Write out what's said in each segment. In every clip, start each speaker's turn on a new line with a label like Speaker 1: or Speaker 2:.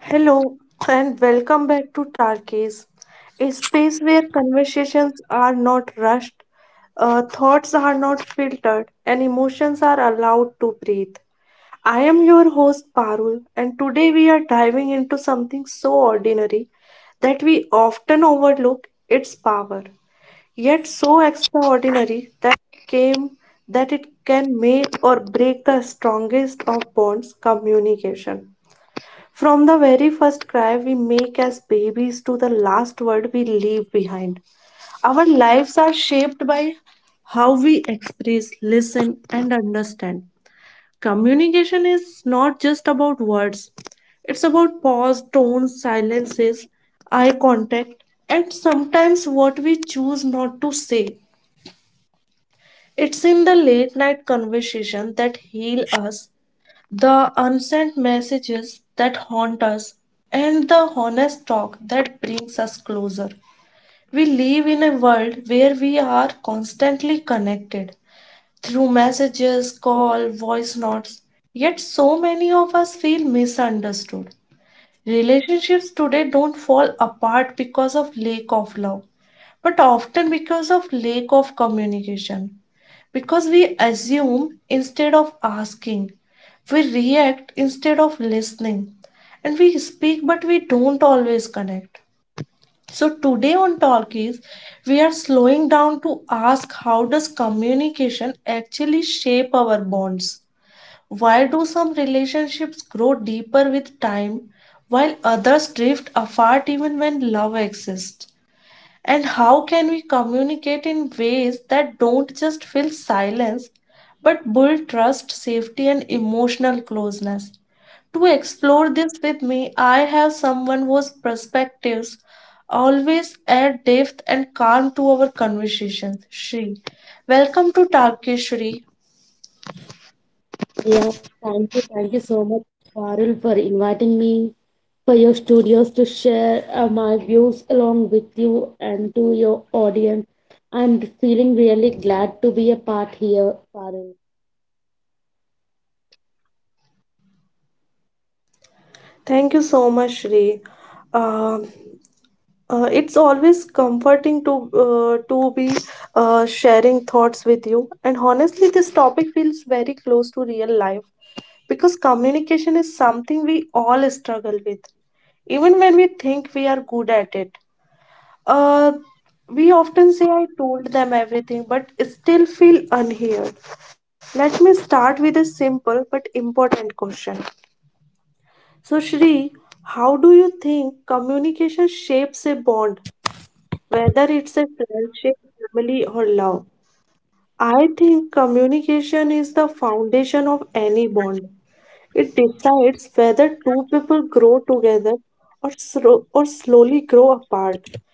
Speaker 1: Hello and welcome back to Tarkis, a space where conversations are not rushed, thoughts are not filtered, and emotions are allowed to breathe. I am your host Parul, and today we are diving into something so ordinary that we often overlook its power, yet so extraordinary that came that it can make or break the strongest of bonds communication. From the very first cry we make as babies to the last word we leave behind, our lives are shaped by how we express, listen, and understand. Communication is not just about words, it's about pause, tones, silences, eye contact, and sometimes what we choose not to say. It's in the late night conversation that heal us, the unsent messages that haunt us, and the honest talk that brings us closer. We live in a world where we are constantly connected through messages, call, voice notes. Yet so many of us feel misunderstood. Relationships today don't fall apart because of lack of love, but often because of lack of communication. Because we assume instead of asking, we react instead of listening, and we speak but we don't always connect. So, today on Talkies, we are slowing down to ask, how does communication actually shape our bonds? Why do some relationships grow deeper with time while others drift apart even when love exists? And how can we communicate in ways that don't just fill silence but build trust, safety, and emotional closeness? To explore this with me, I have someone whose perspectives always add depth and calm to our conversations. Shri, welcome to Talkish, Shri.
Speaker 2: Yeah, thank you. Thank you so much, Farul, for inviting me for your studios to share my views along with you and to your audience. I'm feeling really glad to be a part here, Farul.
Speaker 1: Thank you so much, Shri. Um, it's always comforting to to be sharing thoughts with you, and honestly this topic feels very close to real life because communication is something we all struggle with even when we think we are good at it uh, we often say, I told them everything, but still feel unheard. Let me start with a simple but important question. So, Shri, how do you think communication shapes a bond, whether it's a friendship, family, or love? I think communication is the foundation of any bond. It decides whether two people grow together or slowly grow apart.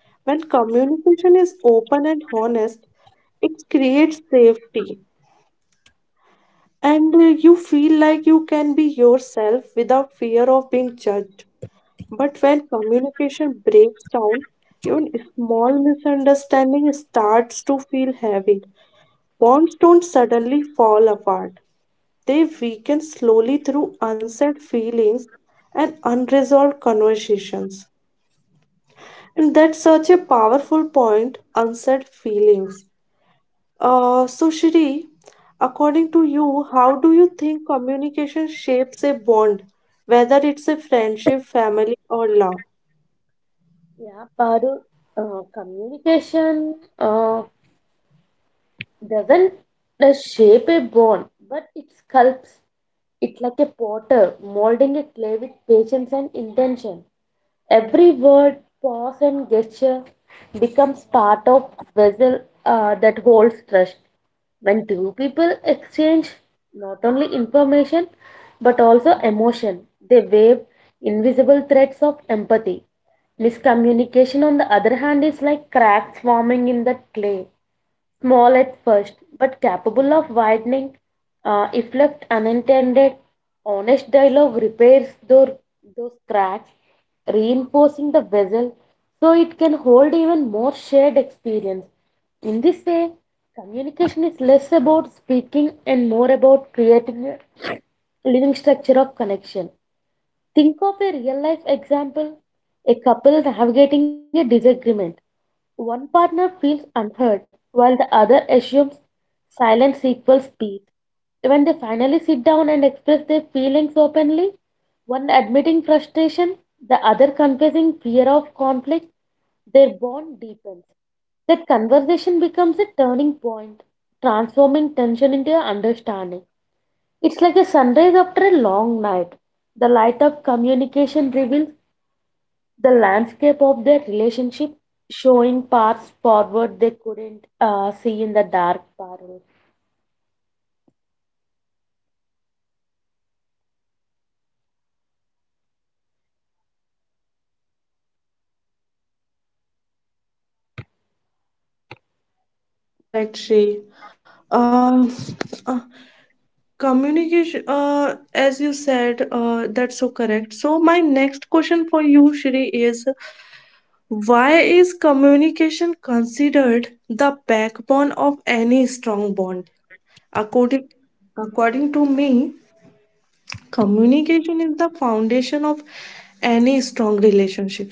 Speaker 1: When communication is open and honest, it creates safety, and you feel like you can be yourself without fear of being judged. But when communication breaks down, even a small misunderstanding starts to feel heavy. Bonds don't suddenly fall apart. They weaken slowly through unsaid feelings and unresolved conversations. And that's such a powerful point, unsaid feelings. So, Shri, according to you, how do you think communication shapes a bond, whether it's a friendship, family, or love?
Speaker 2: Yeah, Farul, communication. Doesn't shape a bone, but it sculpts it like a potter, molding a clay with patience and intention. Every word, pause, and gesture becomes part of vessel that holds trust. When two people exchange not only information but also emotion, they wave invisible threads of empathy. Miscommunication, on the other hand, is like cracks forming in the clay. Small at first, but capable of widening if left unintended. Honest dialogue repairs those cracks, reinforcing the vessel so it can hold even more shared experience. In this way, communication is less about speaking and more about creating a living structure of connection. Think of a real life example: a couple navigating a disagreement. One partner feels unheard while the other assumes silence equals peace. When they finally sit down and express their feelings openly, one admitting frustration, the other confessing fear of conflict, their bond deepens. That conversation becomes a turning point, transforming tension into understanding. It's like a sunrise after a long night. The light of communication reveals the landscape of their relationship, showing paths forward they couldn't see in the dark parallel.
Speaker 1: That's correct, Sri. Uh, uh, communication, as you said, that's so correct. So, my next question for you, Shri, is, why is communication considered the backbone of any strong bond? According, according to me, communication is the foundation of any strong relationship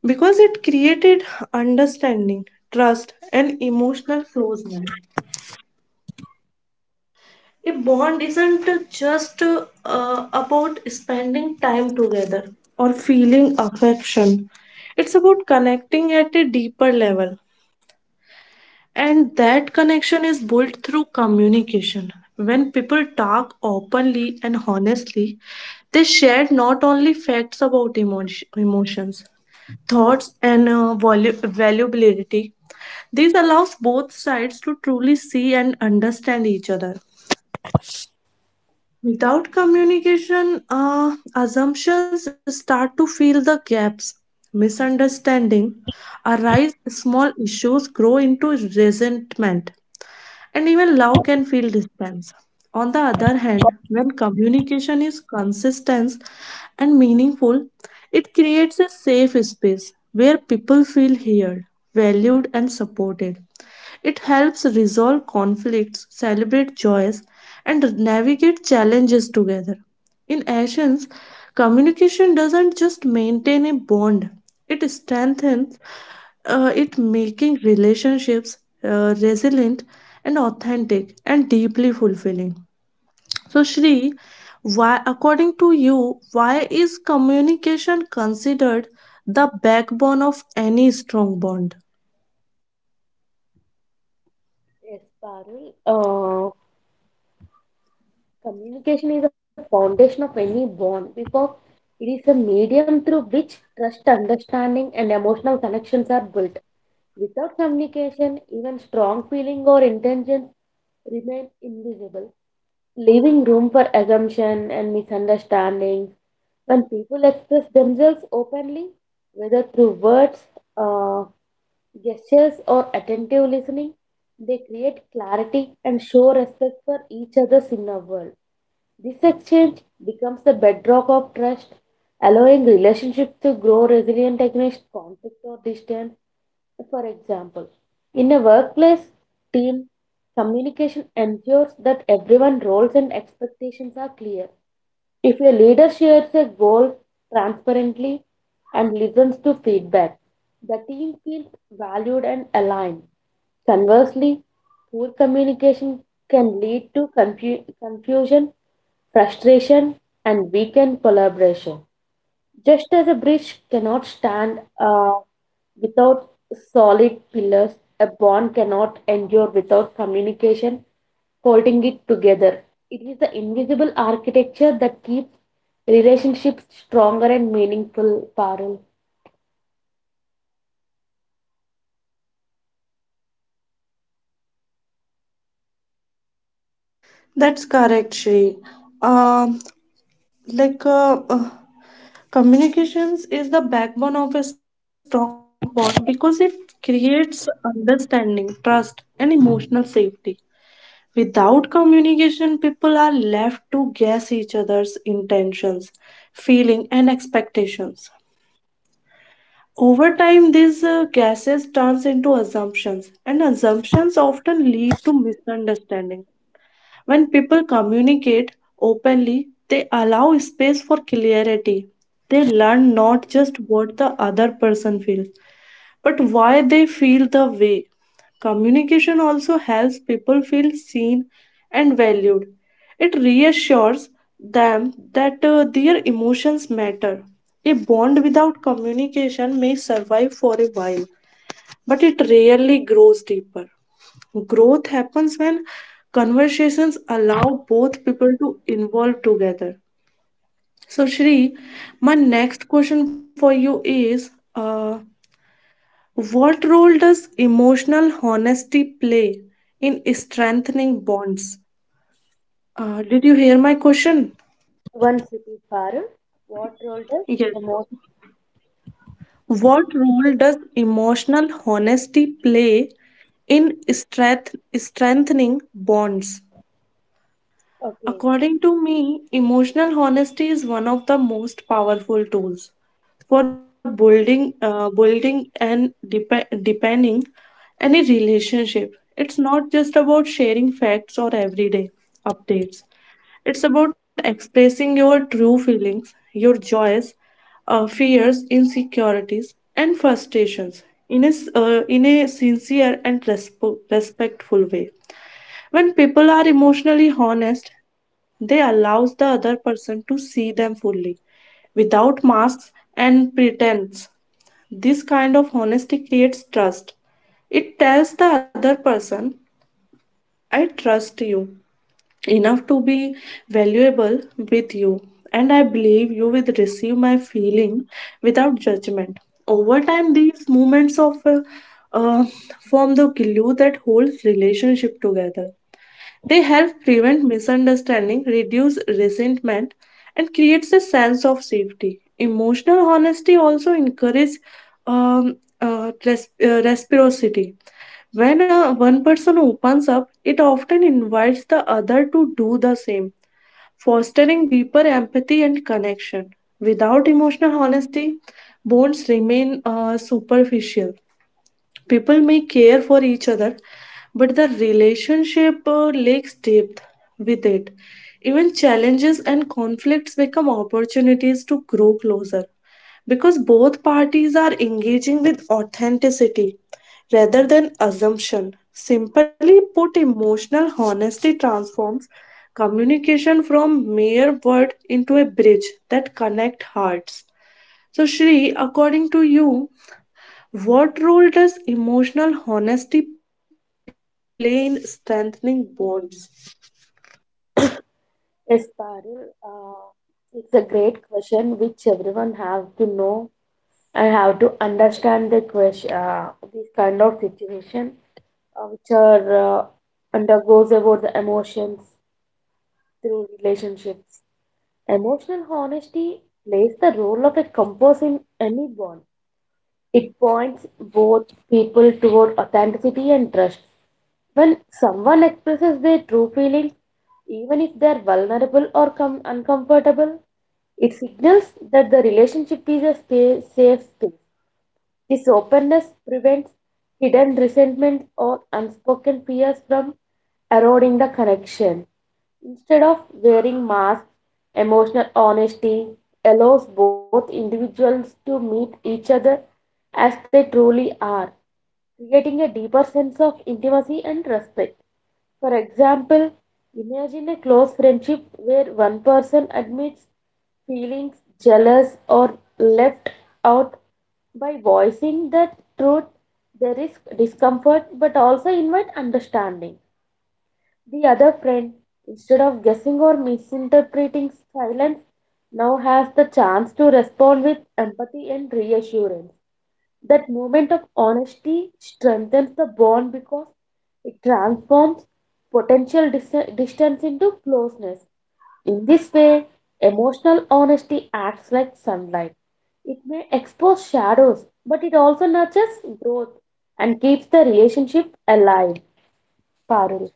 Speaker 1: because it created understanding, trust, and emotional closeness. A bond isn't just about spending time together or feeling affection. It's about connecting at a deeper level. And that connection is built through communication. When people talk openly and honestly, they share not only facts about emotions, thoughts, and valuability. This allows both sides to truly see and understand each other. Without communication, assumptions start to fill the gaps. Misunderstanding arise, small issues grow into resentment, and even love can feel distance. On the other hand, when communication is consistent and meaningful, it creates a safe space where people feel heard, valued, and supported. It helps resolve conflicts, celebrate joys, and navigate challenges together. In essence, communication doesn't just maintain a bond, it strengthens it, making relationships resilient and authentic and deeply fulfilling. So, Shri, why, according to you, why is communication considered the backbone of any strong bond?
Speaker 2: Yes, parallel. Communication is the foundation of any bond because it is a medium through which trust, understanding, and emotional connections are built. Without communication, even strong feeling or intention remain invisible, leaving room for assumption and misunderstanding. When people express themselves openly, whether through words, uh, gestures, or attentive listening, they create clarity and show respect for each other's inner world. This exchange becomes the bedrock of trust, allowing relationships to grow resilient against conflict or distance. For example, in a workplace team, communication ensures that everyone's roles and expectations are clear. If a leader shares a goal transparently and listens to feedback, the team feels valued and aligned. Conversely, poor communication can lead to confusion, frustration, and weakened collaboration. Just as a bridge cannot stand without solid pillars, a bond cannot endure without communication holding it together. It is the invisible architecture that keeps relationships stronger and meaningful, Parul.
Speaker 1: That's correct, Shri. Um, like communications is the backbone of a strong bond because it creates understanding, trust, and emotional safety. Without communication, people are left to guess each other's intentions, feeling, and expectations. Over time, these guesses turns into assumptions, and assumptions often lead to misunderstanding. When people communicate openly, they allow space for clarity. They learn not just what the other person feels, but why they feel the way. Communication also helps people feel seen and valued. It reassures them that their emotions matter. A bond without communication may survive for a while, but it rarely grows deeper. Growth happens when conversations allow both people to involve together. So, Shri, my next question for you is what role does emotional honesty play in strengthening bonds? Did you hear my question?
Speaker 2: One city, Parul. What role does
Speaker 1: Yes.
Speaker 2: emotion?
Speaker 1: What role does emotional honesty play in strengthening bonds?
Speaker 2: Okay,
Speaker 1: According to me, emotional honesty is one of the most powerful tools for building and depending any relationship. It's not just about sharing facts or everyday updates. It's about expressing your true feelings, your joys, fears, insecurities, and frustrations in a sincere and respectful way. When people are emotionally honest, they allows the other person to see them fully without masks and pretense. This kind of honesty creates trust. It tells the other person, I trust you enough to be valuable with you, and I believe you will receive my feeling without judgment. Over time, these moments of uh, form the glue that holds relationship together. They help prevent misunderstanding, reduce resentment, and creates a sense of safety. Emotional honesty also encourages reciprocity. When one person opens up, it often invites the other to do the same, fostering deeper empathy and connection. Without emotional honesty, bonds remain superficial. People may care for each other, but the relationship lacks depth. With it, even challenges and conflicts become opportunities to grow closer because both parties are engaging with authenticity rather than assumption. Simply put, emotional honesty transforms communication from mere word into a bridge that connect hearts. So, Shri, according to you, what role does emotional honesty play in strengthening bonds?
Speaker 2: yes, Parul. It's a great question which everyone have to know. I have to understand the question, this kind of situation, which are undergoes about the emotions through relationships. Emotional honesty plays the role of a compass in any bond. It points both people toward authenticity and trust. When someone expresses their true feelings, even if they are vulnerable or uncomfortable, it signals that the relationship is a safe space. This openness prevents hidden resentments or unspoken fears from eroding the connection. Instead of wearing masks, emotional honesty allows both individuals to meet each other as they truly are, creating a deeper sense of intimacy and respect. For example, imagine a close friendship where one person admits feelings jealous or left out. By voicing the truth, there is discomfort but also invite understanding. The other friend, instead of guessing or misinterpreting silence, now has the chance to respond with empathy and reassurance. That moment of honesty strengthens the bond because it transforms potential distance into closeness. In this way, emotional honesty acts like sunlight. It may expose shadows, but it also nurtures growth and keeps the relationship alive. Parul.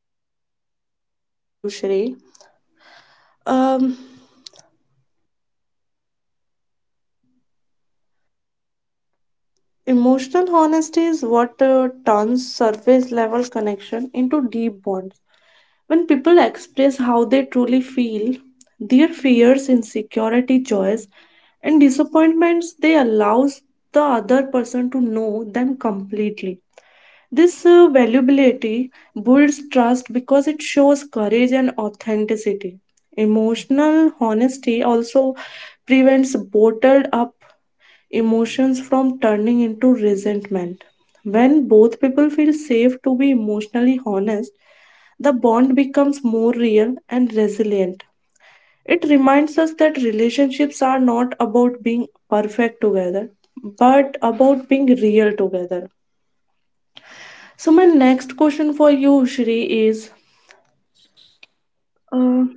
Speaker 1: I am totally agree with you, Shri. Um, emotional honesty is what turns surface level connection into deep bonds. When people express how they truly feel, their fears, insecurity, joys, and disappointments, they allows the other person to know them completely. This valuability builds trust because it shows courage and authenticity. Emotional honesty also prevents bottled up emotions from turning into resentment. When both people feel safe to be emotionally honest, the bond becomes more real and resilient. It reminds us that relationships are not about being perfect together, but about being real together. So, my next question for you, Shri, is, uh,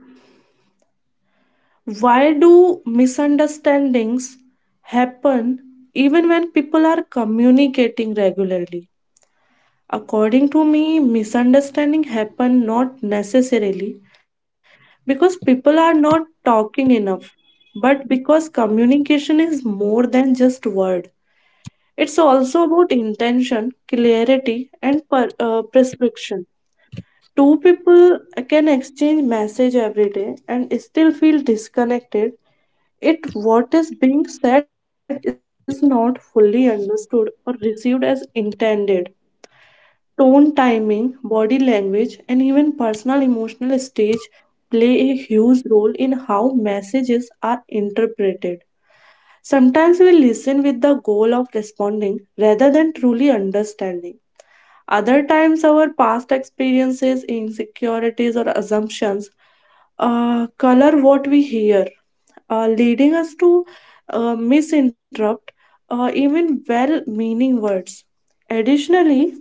Speaker 1: why do misunderstandings happen even when people are communicating regularly? According to me, misunderstanding happen not necessarily because people are not talking enough, but because communication is more than just word. It's also about intention, clarity, and prescription. Two people can exchange message every day and still feel disconnected it what is being said is not fully understood or received as intended. Tone, timing, body language, and even personal emotional stage play a huge role in how messages are interpreted. Sometimes we listen with the goal of responding rather than truly understanding. Other times, our past experiences, insecurities, or assumptions color what we hear, leading us to misinterpret even well meaning words. Additionally,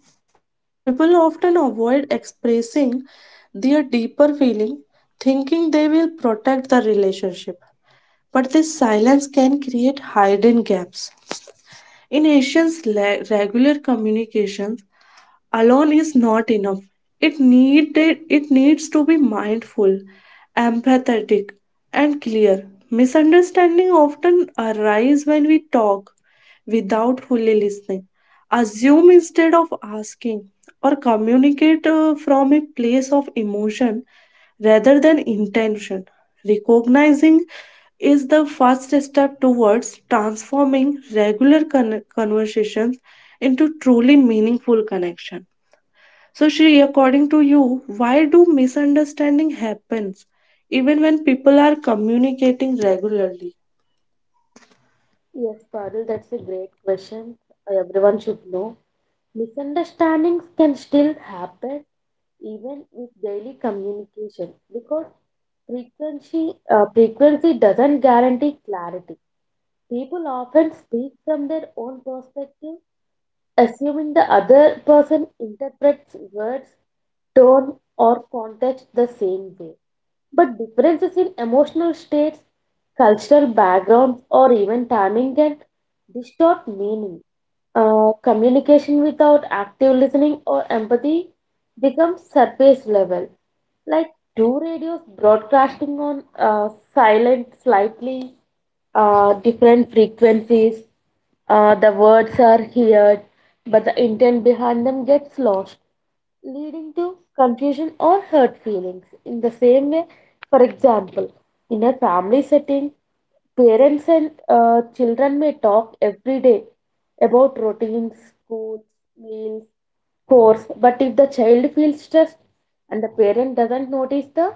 Speaker 1: people often avoid expressing their deeper feeling, thinking they will protect the relationship. But this silence can create hidden gaps. In Asians' regular communication, alone is not enough. It needs to be mindful, empathetic, and clear. Misunderstanding often arise when we talk without fully listening, assume instead of asking, or communicate from a place of emotion rather than intention. Recognizing is the first step towards transforming regular conversations into truly meaningful connection. So, Shri, according to you, why do misunderstanding happens even when people are communicating regularly?
Speaker 2: Yes, Parul, that's a great question. Everyone should know. Misunderstandings can still happen even with daily communication because frequency doesn't guarantee clarity. People often speak from their own perspective, assuming the other person interprets words, tone, or context the same way. But differences in emotional states, cultural backgrounds, or even timing can distort meaning. Communication without active listening or empathy becomes surface level, like two radios broadcasting on silent slightly different frequencies. The words are heard, but the intent behind them gets lost, leading to confusion or hurt feelings. In the same way, for example, in a family setting, parents and children may talk every day about routines, schools, meals, chores, but if the child feels stressed and the parent doesn't notice the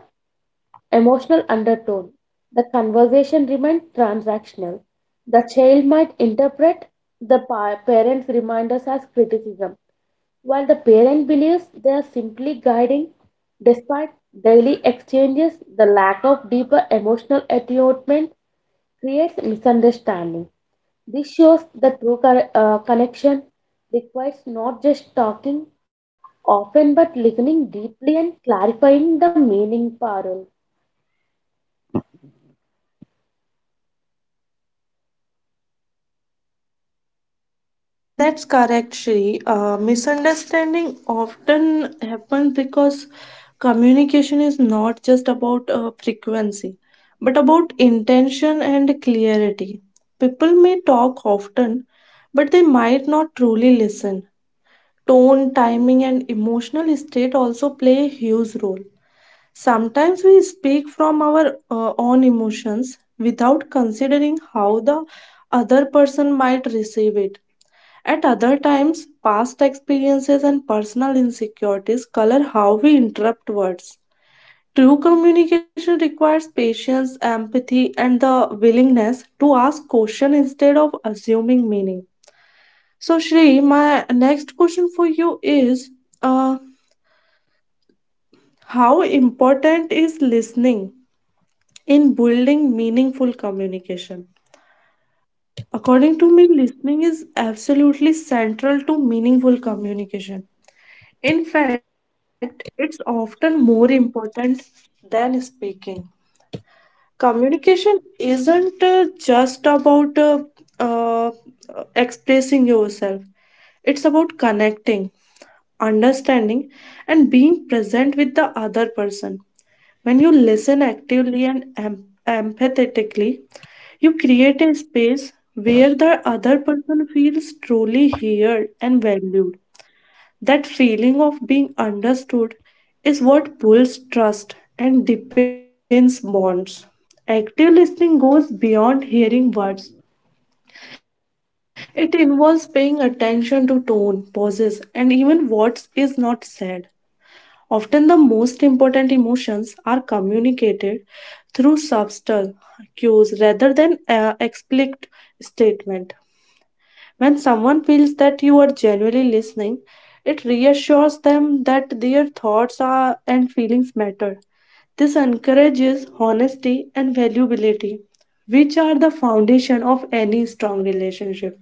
Speaker 2: emotional undertone, the conversation remains transactional. The child might interpret the parent's reminders as criticism, while the parent believes they are simply guiding. Despite daily exchanges, the lack of deeper emotional attunement creates misunderstanding. This shows the true connection requires not just talking often but listening deeply and clarifying the meaning, Parul.
Speaker 1: That's correct, Shri. Misunderstanding often happens because communication is not just about frequency, but about intention and clarity. People may talk often, but they might not truly listen. Tone, timing, and emotional state also play a huge role. Sometimes we speak from our own emotions without considering how the other person might receive it. At other times, past experiences and personal insecurities color how we interpret words. True communication requires patience, empathy, and the willingness to ask questions instead of assuming meaning. So, Shri, my next question for you is, uh, how important is listening in building meaningful communication? According to me, listening is absolutely central to meaningful communication. In fact, it's often more important than speaking. Communication isn't just about uh, expressing yourself, it's about connecting, understanding, and being present with the other person. When you listen actively and empathetically, you create a space where the other person feels truly heard and valued. That feeling of being understood is what builds trust and deepens bonds. Active listening goes beyond hearing words. It involves paying attention to tone, pauses, and even what is not said. Often, the most important emotions are communicated through subtle cues rather than explicit statement. When someone feels that you are genuinely listening, it reassures them that their thoughts are, and feelings matter. This encourages honesty and valuability, which are the foundation of any strong relationship.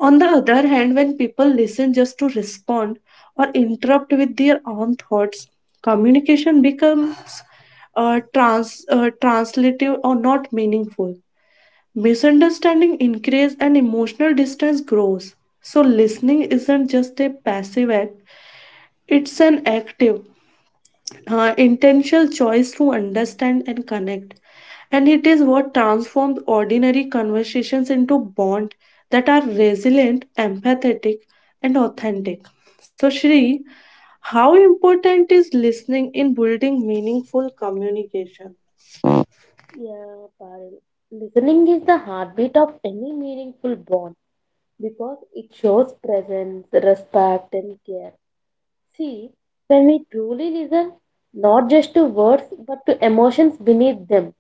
Speaker 1: On the other hand, when people listen just to respond or interrupt with their own thoughts, communication becomes translative or not meaningful. Misunderstanding increase and emotional distance grows. So listening isn't just a passive act, it's an active, intentional choice to understand and connect. And it is what transforms ordinary conversations into bonds that are resilient, empathetic, and authentic. So, Shri, how important is listening in building meaningful communication?
Speaker 2: Yeah, Parul. Listening is the heartbeat of any meaningful bond because it shows presence, respect, and care. See, when we truly listen, not just to words but to emotions beneath them,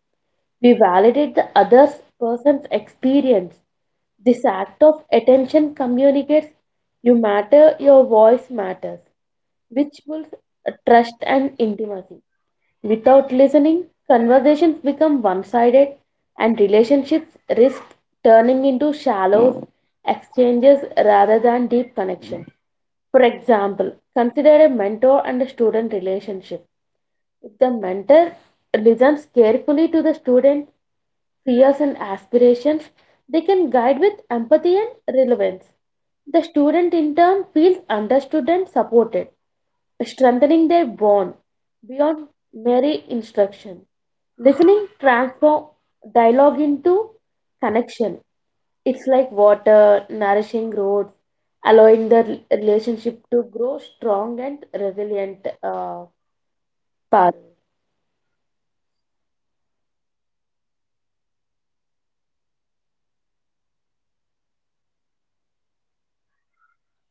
Speaker 2: we validate the other person's experience. This act of attention communicates you matter, your voice matters, which builds trust and intimacy. Without listening, conversations become one sided and relationships risk turning into shallow exchanges rather than deep connection. For example, consider a mentor and a student relationship. If the mentor listens carefully to the student, fears and aspirations, they can guide with empathy and relevance. The student in turn feels understood and supported, strengthening their bond beyond mere instruction. Listening transforms dialogue into connection. It's like water nourishing roots, allowing the relationship to grow strong and resilient. Parul.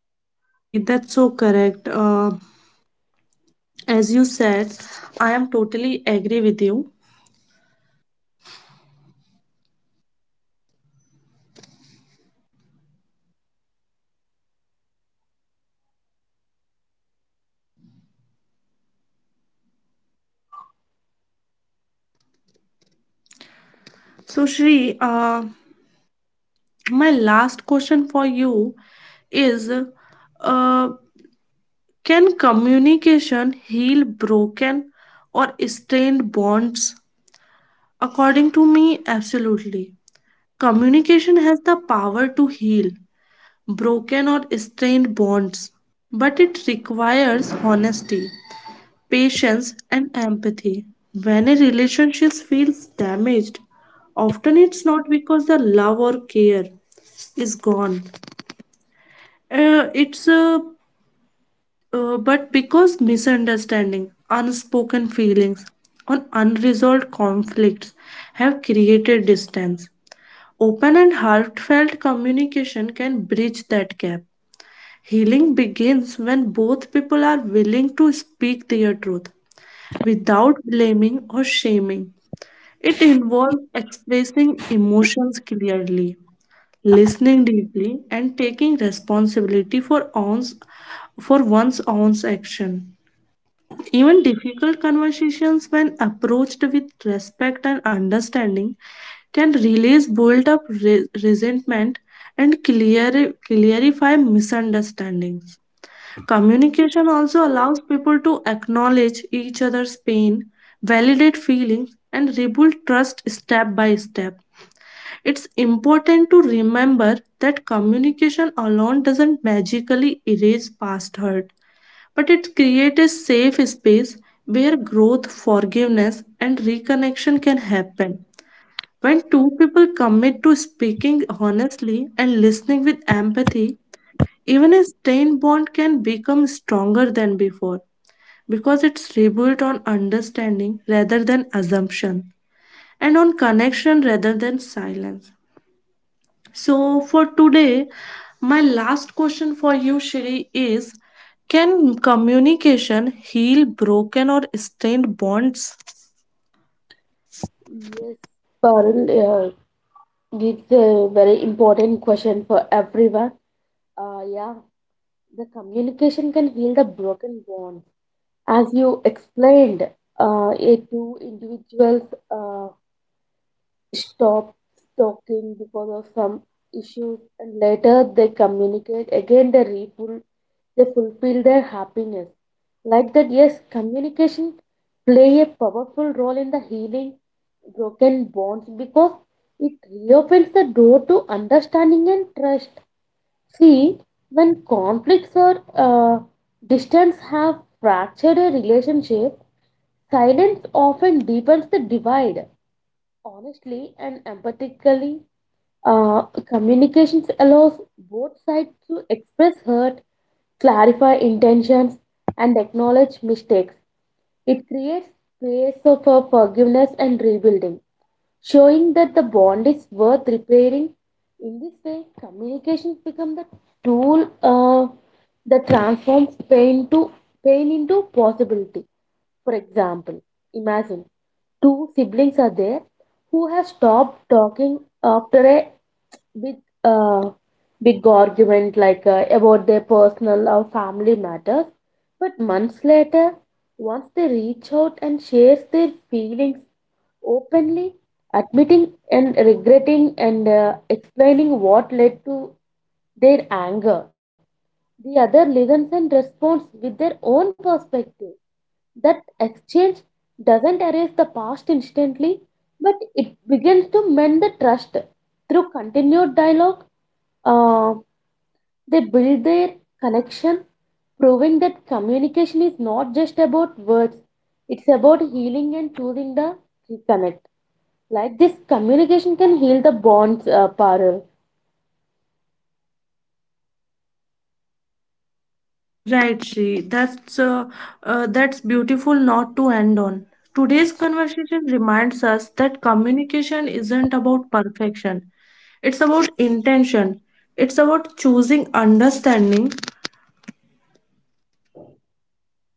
Speaker 1: Yes, Shri, that's so correct. As you said, I am totally agree with you. So, Shri, my last question for you is uh, can communication heal broken or strained bonds? According to me, absolutely. Communication has the power to heal broken or strained bonds, but it requires honesty, patience, and empathy. When a relationship feels damaged, often it's not because the love or care is gone. It's But because misunderstanding, unspoken feelings, or unresolved conflicts have created distance. Open and heartfelt communication can bridge that gap. Healing begins when both people are willing to speak their truth without blaming or shaming. It involves expressing emotions clearly, listening deeply, and taking responsibility for for one's own action. Even difficult conversations, when approached with respect and understanding, can release built up resentment and clarify misunderstandings. Communication also allows people to acknowledge each other's pain, validate feelings, and rebuild trust step by step. It's important to remember that communication alone doesn't magically erase past hurt, but it creates a safe space where growth, forgiveness, and reconnection can happen. When two people commit to speaking honestly and listening with empathy, even a strained bond can become stronger than before because it's rebuilt on understanding rather than assumption and on connection rather than silence. So, for today, my last question for you, Shiri, is can communication heal broken or strained bonds?
Speaker 2: Yes, Parul. It's a very important question for everyone. Yeah, the communication can heal the broken bond. As you explained, it two individuals uh, stop talking because of some issues, and later they communicate again they they fulfill their happiness. Like that, yes, communication play a powerful role in the healing broken bonds because it reopens the door to understanding and trust. See, when conflicts or uh, distance have fractured a relationship, silence often deepens the divide. Honestly and empathically, uh, communications allows both sides to express hurt, clarify intentions, and acknowledge mistakes. It creates space of forgiveness and rebuilding, showing that the bond is worth repairing. In this way, communications become the tool that transforms pain into possibility. For example, imagine two siblings are there who have stopped talking after a big uh, big argument, like about their personal or family matters. But months later, once they reach out and share their feelings openly, admitting and regretting and explaining what led to their anger, the other listens and responds with their own perspective. That exchange doesn't erase the past instantly, but it begins to mend the trust. Through continued dialogue, uh, they build their connection, proving that communication is not just about words, it's about healing and choosing the reconnect. Like this, communication can heal the bonds, Parul.
Speaker 1: Right, Shri. That's beautiful not to end on. Today's conversation reminds us that communication isn't about perfection. It's about intention. It's about choosing understanding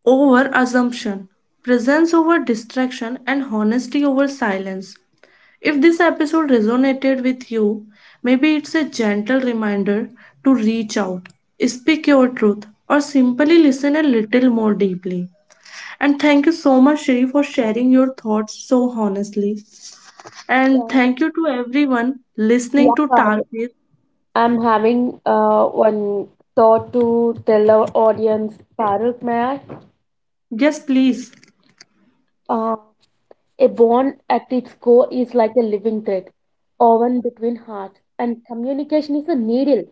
Speaker 1: over assumption, presence over distraction, and honesty over silence. If this episode resonated with you, maybe it's a gentle reminder to reach out, speak your truth, or simply listen a little more deeply. And thank you so much, Shri, for sharing your thoughts so honestly. And
Speaker 2: Yeah,
Speaker 1: thank you to everyone listening
Speaker 2: yeah,
Speaker 1: to
Speaker 2: Parul.
Speaker 1: Target.
Speaker 2: I'm having one thought to tell our audience. Parul, may I?
Speaker 1: Yes, please.
Speaker 2: Uh, A bond at its core is like a living thread, woven between hearts, and communication is a needle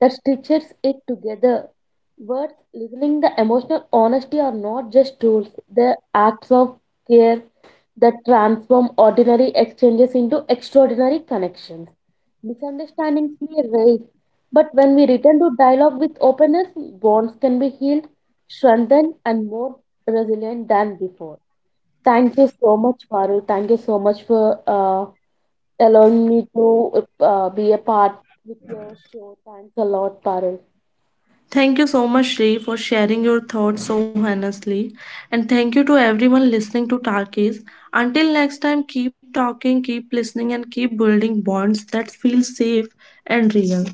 Speaker 2: that stitches it together. Words, listening, the emotional honesty are not just tools, they're acts of care that transform ordinary exchanges into extraordinary connections. Misunderstandings may arise, but when we return to dialogue with openness, bonds can be healed, strengthened, and more resilient than before. Thank you so much, Parul. Thank you so much for allowing me to be a part with your show. Thanks a lot, Parul.
Speaker 1: Thank you so much, Shri, for sharing your thoughts so honestly. And thank you to everyone listening to Tarkis. Until next time, keep talking, keep listening, and keep building bonds that feel safe and real.